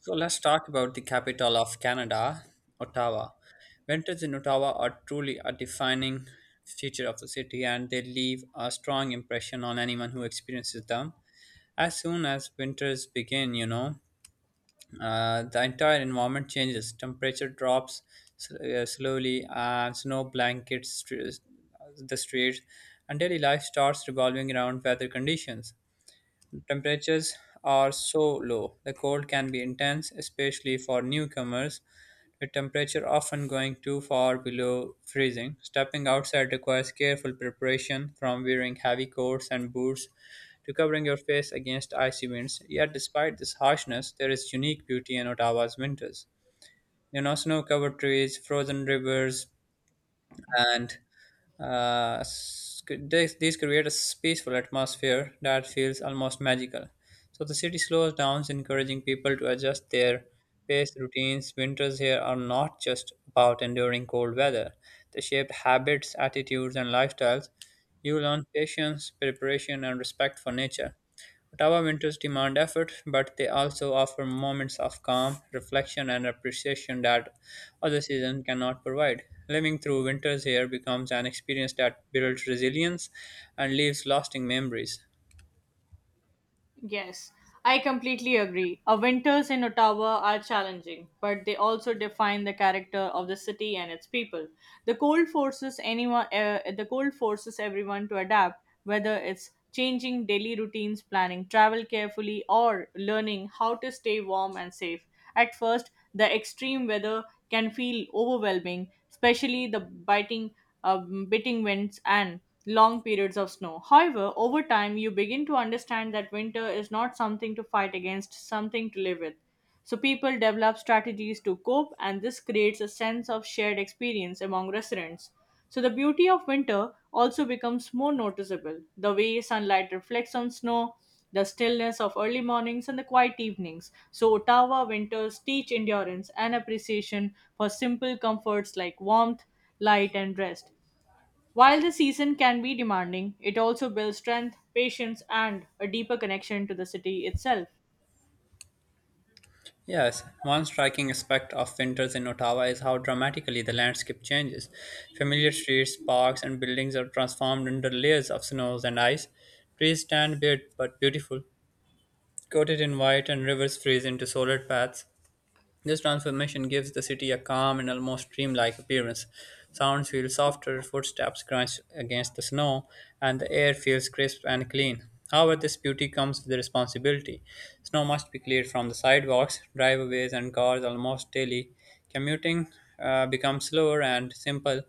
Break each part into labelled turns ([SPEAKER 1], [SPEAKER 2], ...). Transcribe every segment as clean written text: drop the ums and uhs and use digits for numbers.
[SPEAKER 1] So let's talk about the capital of Canada, Ottawa. Winters in Ottawa are truly a defining feature of the city and they leave a strong impression on anyone who experiences them. As soon as winters begin, the entire environment changes. Temperature drops slowly, and snow blankets the streets, and daily life starts revolving around weather conditions. Temperatures are so low. The cold can be intense, especially for newcomers, with temperature often going too far below freezing. Stepping outside requires careful preparation, from wearing heavy coats and boots to covering your face against icy winds. Yet, despite this harshness, there is unique beauty in Ottawa's winters. You know, snow covered trees, frozen rivers, and these create a peaceful atmosphere that feels almost magical. So the city slows down, encouraging people to adjust their pace routines. Winters here are not just about enduring cold weather; they shape habits, attitudes, and lifestyles. You learn patience, preparation, and respect for nature. Ottawa winters demand effort, but they also offer moments of calm, reflection, and appreciation that other seasons cannot provide. Living through winters here becomes an experience that builds resilience and leaves lasting memories.
[SPEAKER 2] Yes, I completely agree. Our winters in Ottawa are challenging, but they also define the character of the city and its people. The cold forces everyone to adapt, whether it's changing daily routines, planning travel carefully, or learning how to stay warm and safe. At first, the extreme weather can feel overwhelming, especially the biting winds and long periods of snow. However, over time, you begin to understand that winter is not something to fight against, something to live with. So people develop strategies to cope, and this creates a sense of shared experience among residents. So the beauty of winter also becomes more noticeable. The way sunlight reflects on snow, the stillness of early mornings and the quiet evenings. So Ottawa winters teach endurance and appreciation for simple comforts like warmth, light, and rest. While the season can be demanding, it also builds strength, patience, and a deeper connection to the city itself.
[SPEAKER 1] Yes, one striking aspect of winters in Ottawa is how dramatically the landscape changes. Familiar streets, parks, and buildings are transformed under layers of snows and ice. Trees stand bare but beautiful, coated in white, and rivers freeze into solid paths. This transformation gives the city a calm and almost dreamlike appearance. Sounds feel softer, footsteps crunch against the snow, and the air feels crisp and clean. However, this beauty comes with a responsibility. Snow must be cleared from the sidewalks, driveways, and cars almost daily. Commuting becomes slower and simple.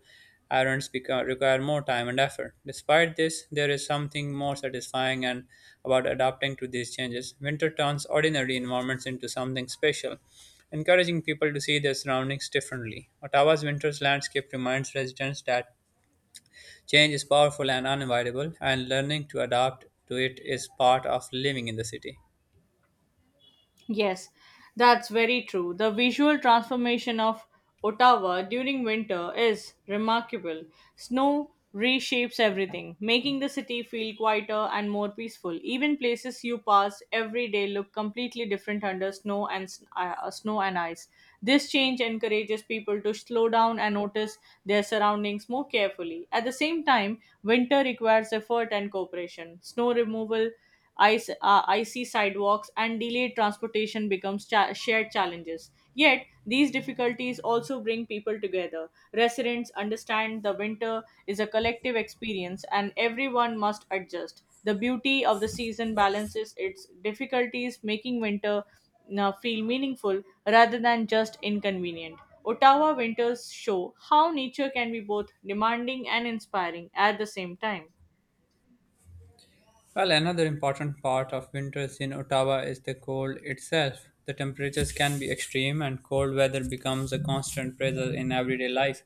[SPEAKER 1] Require more time and effort. Despite this, there is something more satisfying and about adapting to these changes. Winter turns ordinary environments into something special encouraging people to see their surroundings differently. Ottawa's winter's landscape reminds residents that change is powerful and unavoidable, and learning to adapt to it is part of living in the city.
[SPEAKER 2] Yes, that's very true. The visual transformation of Ottawa during winter is remarkable. Snow reshapes everything, making the city feel quieter and more peaceful. Even places you pass every day look completely different under snow and ice. This change encourages people to slow down and notice their surroundings more carefully. At the same time, winter requires effort and cooperation. Snow removal, icy sidewalks, and delayed transportation becomes shared challenges. Yet, these difficulties also bring people together. Residents understand the winter is a collective experience and everyone must adjust. The beauty of the season balances its difficulties, making winter feel meaningful rather than just inconvenient. Ottawa winters show how nature can be both demanding and inspiring at the same time.
[SPEAKER 1] Well, another important part of winters in Ottawa is the cold itself. The temperatures can be extreme, and cold weather becomes a constant pressure in everyday life.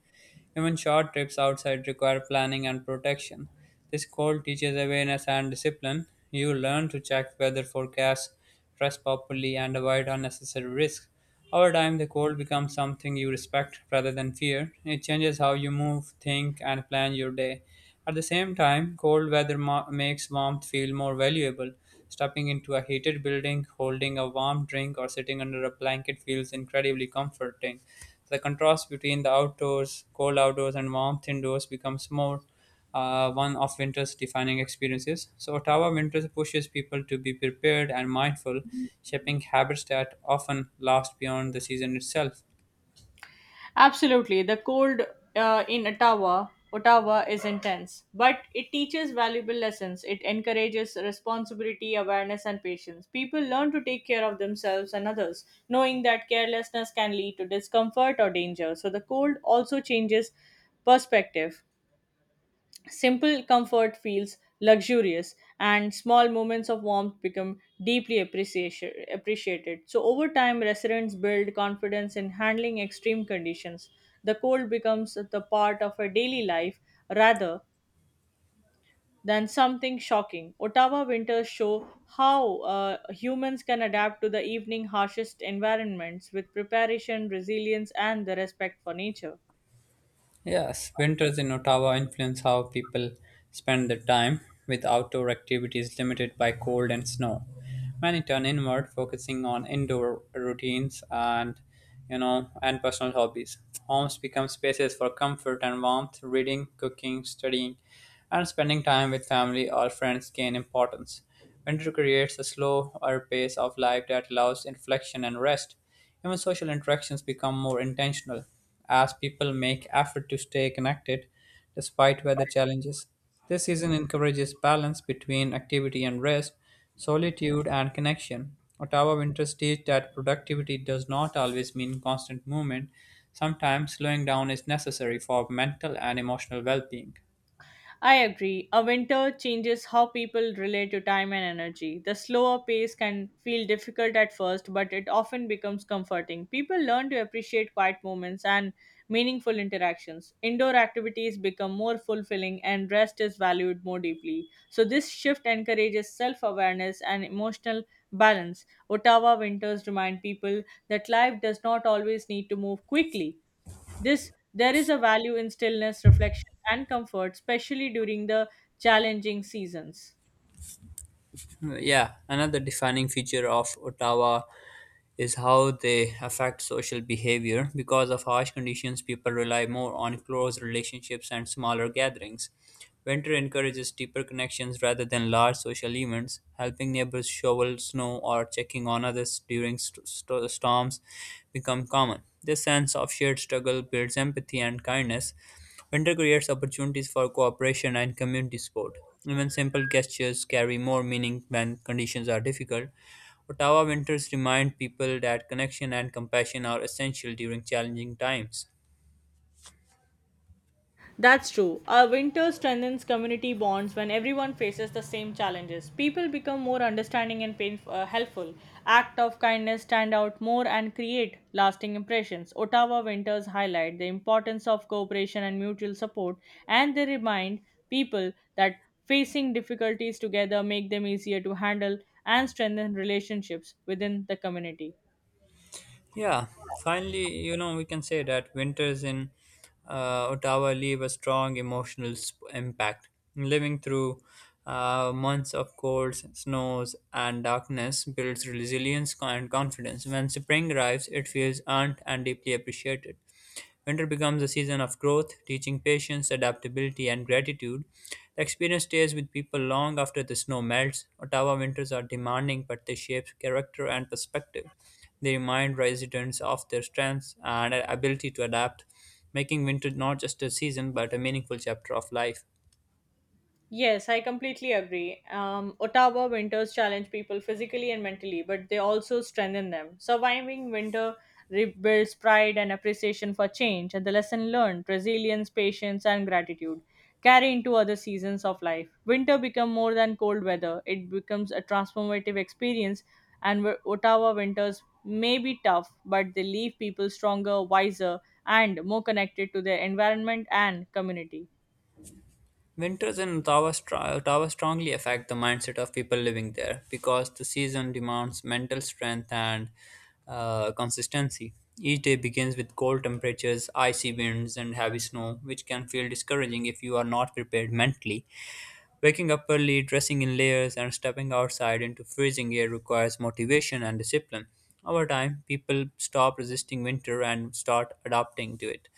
[SPEAKER 1] Even short trips outside require planning and protection. This cold teaches awareness and discipline. You learn to check weather forecasts, dress properly, and avoid unnecessary risks. Over time, the cold becomes something you respect rather than fear. It changes how you move, think, and plan your day. At the same time, cold weather makes warmth feel more valuable. Stepping into a heated building, holding a warm drink, or sitting under a blanket feels incredibly comforting. The contrast between the outdoors, cold outdoors, and warmth indoors becomes more one of winter's defining experiences. So, Ottawa winters pushes people to be prepared and mindful, shaping habits that often last beyond the season itself.
[SPEAKER 2] Absolutely. The cold in Ottawa is intense, but it teaches valuable lessons. It encourages responsibility, awareness, and patience. People learn to take care of themselves and others, knowing that carelessness can lead to discomfort or danger. So the cold also changes perspective. Simple comfort feels luxurious, and small moments of warmth become deeply appreciated. So, over time, residents build confidence in handling extreme conditions. The cold becomes the part of a daily life rather than something shocking. Ottawa winters show how humans can adapt to the evening harshest environments with preparation, resilience, and the respect for nature.
[SPEAKER 1] Yes, winters in Ottawa influence how people spend their time, with outdoor activities limited by cold and snow. Many turn inward, focusing on indoor routines and and personal hobbies. Homes become spaces for comfort and warmth. Reading, cooking, studying, and spending time with family or friends gain importance. Winter creates a slower pace of life that allows reflection and rest. Even social interactions become more intentional as people make effort to stay connected despite weather challenges. This season encourages balance between activity and rest, solitude and connection. Ottawa winters teach that productivity does not always mean constant movement. Sometimes slowing down is necessary for mental and emotional well being.
[SPEAKER 2] I agree. A winter changes how people relate to time and energy. The slower pace can feel difficult at first, but it often becomes comforting. People learn to appreciate quiet moments and meaningful interactions. Indoor activities become more fulfilling and rest is valued more deeply. So this shift encourages self awareness and emotional balance. Ottawa winters remind people that life does not always need to move quickly. This there is a value in stillness, reflection, and comfort, especially during the challenging seasons.
[SPEAKER 1] Yeah, another defining feature of Ottawa is how they affect social behavior. Because of harsh conditions, people rely more on close relationships and smaller gatherings. Winter encourages deeper connections rather than large social events, helping neighbors shovel snow or checking on others during storms become common. This sense of shared struggle builds empathy and kindness. Winter creates opportunities for cooperation and community support. Even simple gestures carry more meaning when conditions are difficult. Ottawa winters remind people that connection and compassion are essential during challenging times.
[SPEAKER 2] That's true. Our winter strengthens community bonds when everyone faces the same challenges. People become more understanding and helpful. Act of kindness stand out more and create lasting impressions. Ottawa winters highlight the importance of cooperation and mutual support, and they remind people that facing difficulties together make them easier to handle and strengthen relationships within the community.
[SPEAKER 1] Yeah, finally, you know, we can say that winters in Ottawa leave a strong impact. Living through months of colds, snows, and darkness builds resilience and confidence. When spring arrives, it feels earned and deeply appreciated. Winter becomes a season of growth, teaching patience, adaptability, and gratitude. The experience stays with people long after the snow melts. Ottawa winters are demanding, but they shape character and perspective. They remind residents of their strengths and ability to adapt, making winter not just a season but a meaningful chapter of life.
[SPEAKER 2] Yes, I completely agree. Ottawa winters challenge people physically and mentally, but they also strengthen them. Surviving winter rebuilds pride and appreciation for change, and the lesson learned, resilience, patience, and gratitude carry into other seasons of life. Winter becomes more than cold weather; it becomes a transformative experience. And where Ottawa winters may be tough, but they leave people stronger, wiser, and more connected to their environment and community.
[SPEAKER 1] Winters in Ottawa, str- Ottawa strongly affect the mindset of people living there because the season demands mental strength and consistency. Each day begins with cold temperatures, icy winds, and heavy snow, which can feel discouraging if you are not prepared mentally. Waking up early, dressing in layers, and stepping outside into freezing air requires motivation and discipline. Over time, people stop resisting winter and start adapting to it.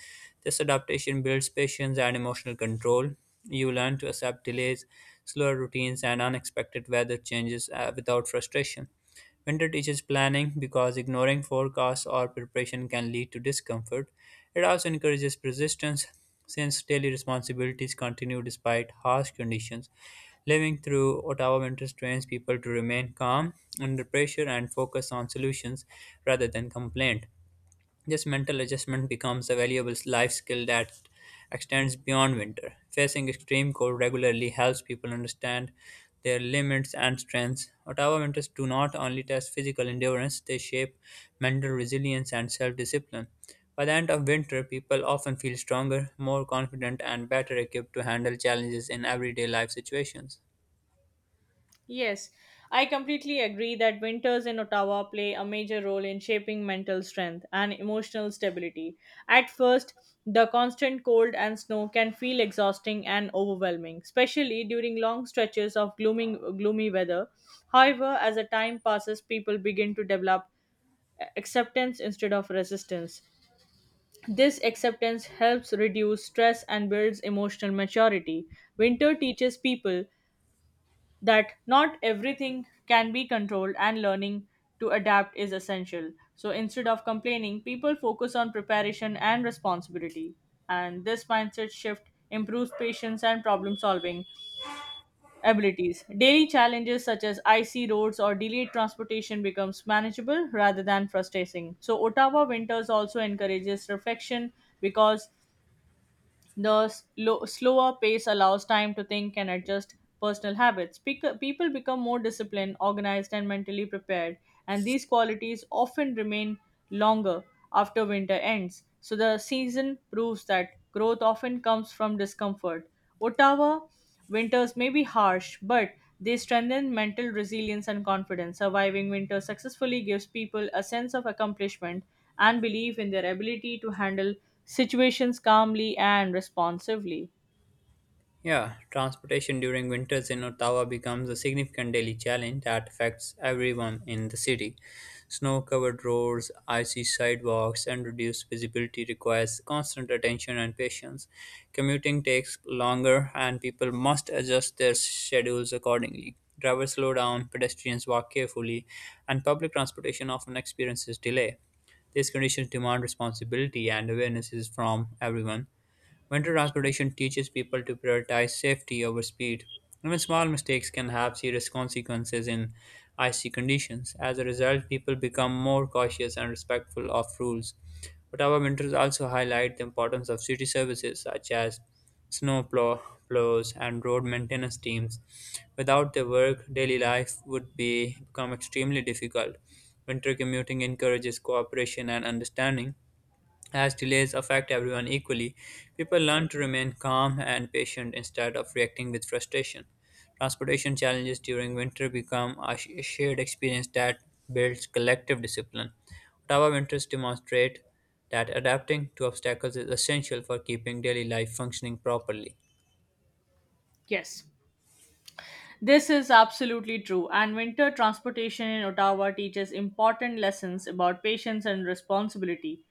[SPEAKER 1] This adaptation builds patience and emotional control. You learn to accept delays, slower routines, and unexpected weather changes without frustration. Winter teaches planning because ignoring forecasts or preparation can lead to discomfort. It also encourages persistence since daily responsibilities continue despite harsh conditions. Living through Ottawa winters trains people to remain calm under pressure and focus on solutions rather than complaint. This mental adjustment becomes a valuable life skill that extends beyond winter. Facing extreme cold regularly helps people understand their limits and strengths. Ottawa winters do not only test physical endurance, they shape mental resilience and self discipline. By the end of winter, people often feel stronger, more confident, and better equipped to handle challenges in everyday life situations.
[SPEAKER 2] Yes, I completely agree that winters in Ottawa play a major role in shaping mental strength and emotional stability. At first, the constant cold and snow can feel exhausting and overwhelming, especially during long stretches of gloomy weather. However, as the time passes, people begin to develop acceptance instead of resistance. This acceptance helps reduce stress and builds emotional maturity. Winter teaches people that not everything can be controlled and learning to adapt is essential. So instead of complaining, people focus on preparation and responsibility. And this mindset shift improves patience and problem solving abilities. Daily challenges such as icy roads or delayed transportation becomes manageable rather than frustrating. So Ottawa winters also encourages reflection because the slower pace allows time to think and adjust personal habits. People become more disciplined, organized, and mentally prepared, and these qualities often remain longer after winter ends. So the season proves that growth often comes from discomfort. Ottawa winters may be harsh, but they strengthen mental resilience and confidence. Surviving winter successfully gives people a sense of accomplishment and belief in their ability to handle situations calmly and responsively.
[SPEAKER 1] Yeah, transportation during winters in Ottawa becomes a significant daily challenge that affects everyone in the city. Snow covered roads, icy sidewalks, and reduced visibility requires constant attention and patience. Commuting takes longer, and people must adjust their schedules accordingly. Drivers slow down, pedestrians walk carefully, and public transportation often experiences delay. These conditions demand responsibility and awarenesses from everyone. Winter transportation teaches people to prioritize safety over speed. Even small mistakes can have serious consequences in icy conditions. As a result, people become more cautious and respectful of rules. But our winters also highlight the importance of city services such as snow plow, plows and road maintenance teams. Without their work, daily life would be become extremely difficult. Winter commuting encourages cooperation and understanding as delays affect everyone equally, people learn to remain calm and patient instead of reacting with frustration. Transportation challenges during winter become a shared experience that builds collective discipline. Ottawa winters demonstrate that adapting to obstacles is essential for keeping daily life functioning properly.
[SPEAKER 2] Yes, this is absolutely true. And winter transportation in Ottawa teaches important lessons about patience and responsibility.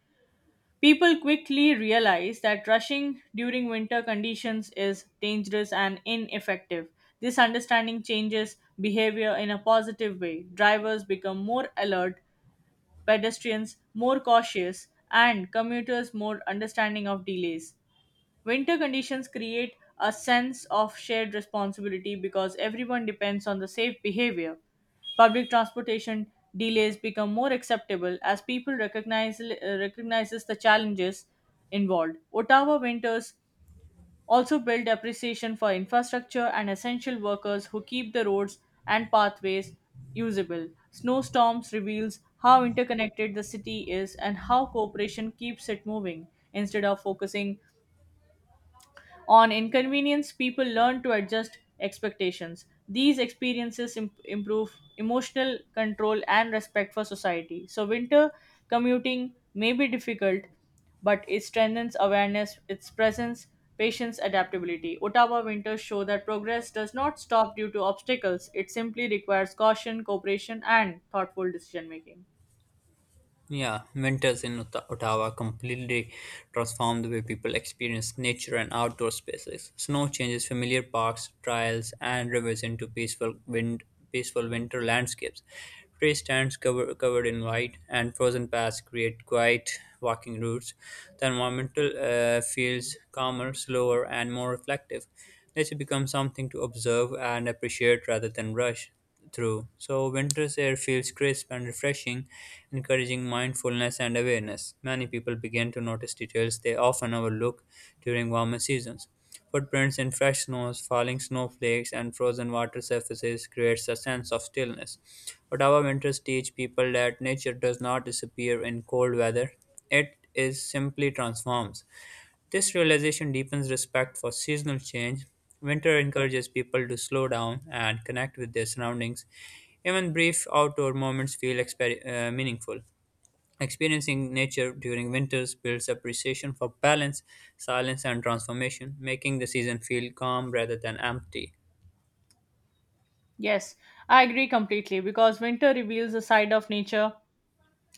[SPEAKER 2] People quickly realize that rushing during winter conditions is dangerous and ineffective. This understanding changes behavior in a positive way. Drivers become more alert, pedestrians more cautious, and commuters more understanding of delays. Winter conditions create a sense of shared responsibility because everyone depends on the safe behavior. Public transportation delays become more acceptable as people recognizes the challenges involved. Ottawa winters also build appreciation for infrastructure and essential workers who keep the roads and pathways usable. Snowstorms reveals how interconnected the city is and how cooperation keeps it moving instead of focusing on inconvenience, people learn to adjust expectations. These experiences improve emotional control and respect for society. So winter commuting may be difficult, but it strengthens awareness, its presence, patience, adaptability. Ottawa winters show that progress does not stop due to obstacles, it simply requires caution, cooperation, and thoughtful decision making.
[SPEAKER 1] Yeah, winters in Ottawa completely transform the way people experience nature and outdoor spaces. Snow changes familiar parks, trails, and rivers into peaceful winter landscapes. Covered in white and frozen paths create quiet walking routes. The environmental feels calmer, slower, and more reflective nature becomes something to observe and appreciate rather than rush through. So, winter's air feels crisp and refreshing, encouraging mindfulness and awareness. Many people begin to notice details they often overlook during warmer seasons. Footprints in fresh snows, falling snowflakes, and frozen water surfaces creates a sense of stillness. But our winters teach people that nature does not disappear in cold weather; it is simply transforms. This realization deepens respect for seasonal change. Winter encourages people to slow down and connect with their surroundings. Even brief outdoor moments feel meaningful. Experiencing nature during winters builds appreciation for balance, silence, and transformation, making the season feel calm rather than empty.
[SPEAKER 2] Yes, I agree completely because winter reveals a side of nature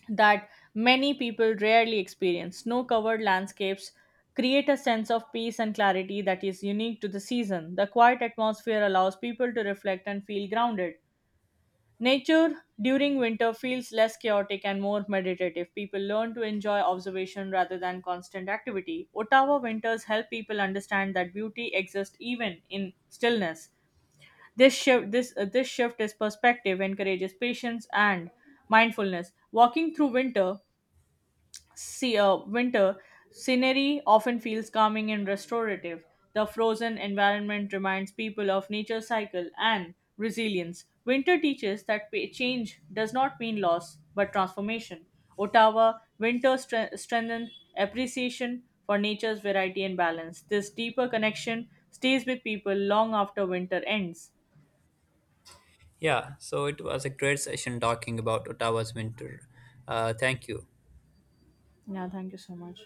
[SPEAKER 2] that many people rarely experience. Snow covered landscapes create a sense of peace and clarity that is unique to the season. The quiet atmosphere allows people to reflect and feel grounded. Nature during winter feels less chaotic and more meditative. People learn to enjoy observation rather than constant activity. Ottawa winters help people understand that beauty exists even in stillness. This shift is perspective encourages patience and mindfulness. Walking through winter See, Winter scenery often feels calming and restorative. The frozen environment reminds people of nature's cycle and resilience. Winter teaches that change does not mean loss but transformation. Ottawa winter strengthened appreciation for nature's variety and balance. This deeper connection stays with people long after winter ends.
[SPEAKER 1] Yeah, so it was a great session talking about Ottawa's winter. Thank you.
[SPEAKER 2] Yeah, thank you so much.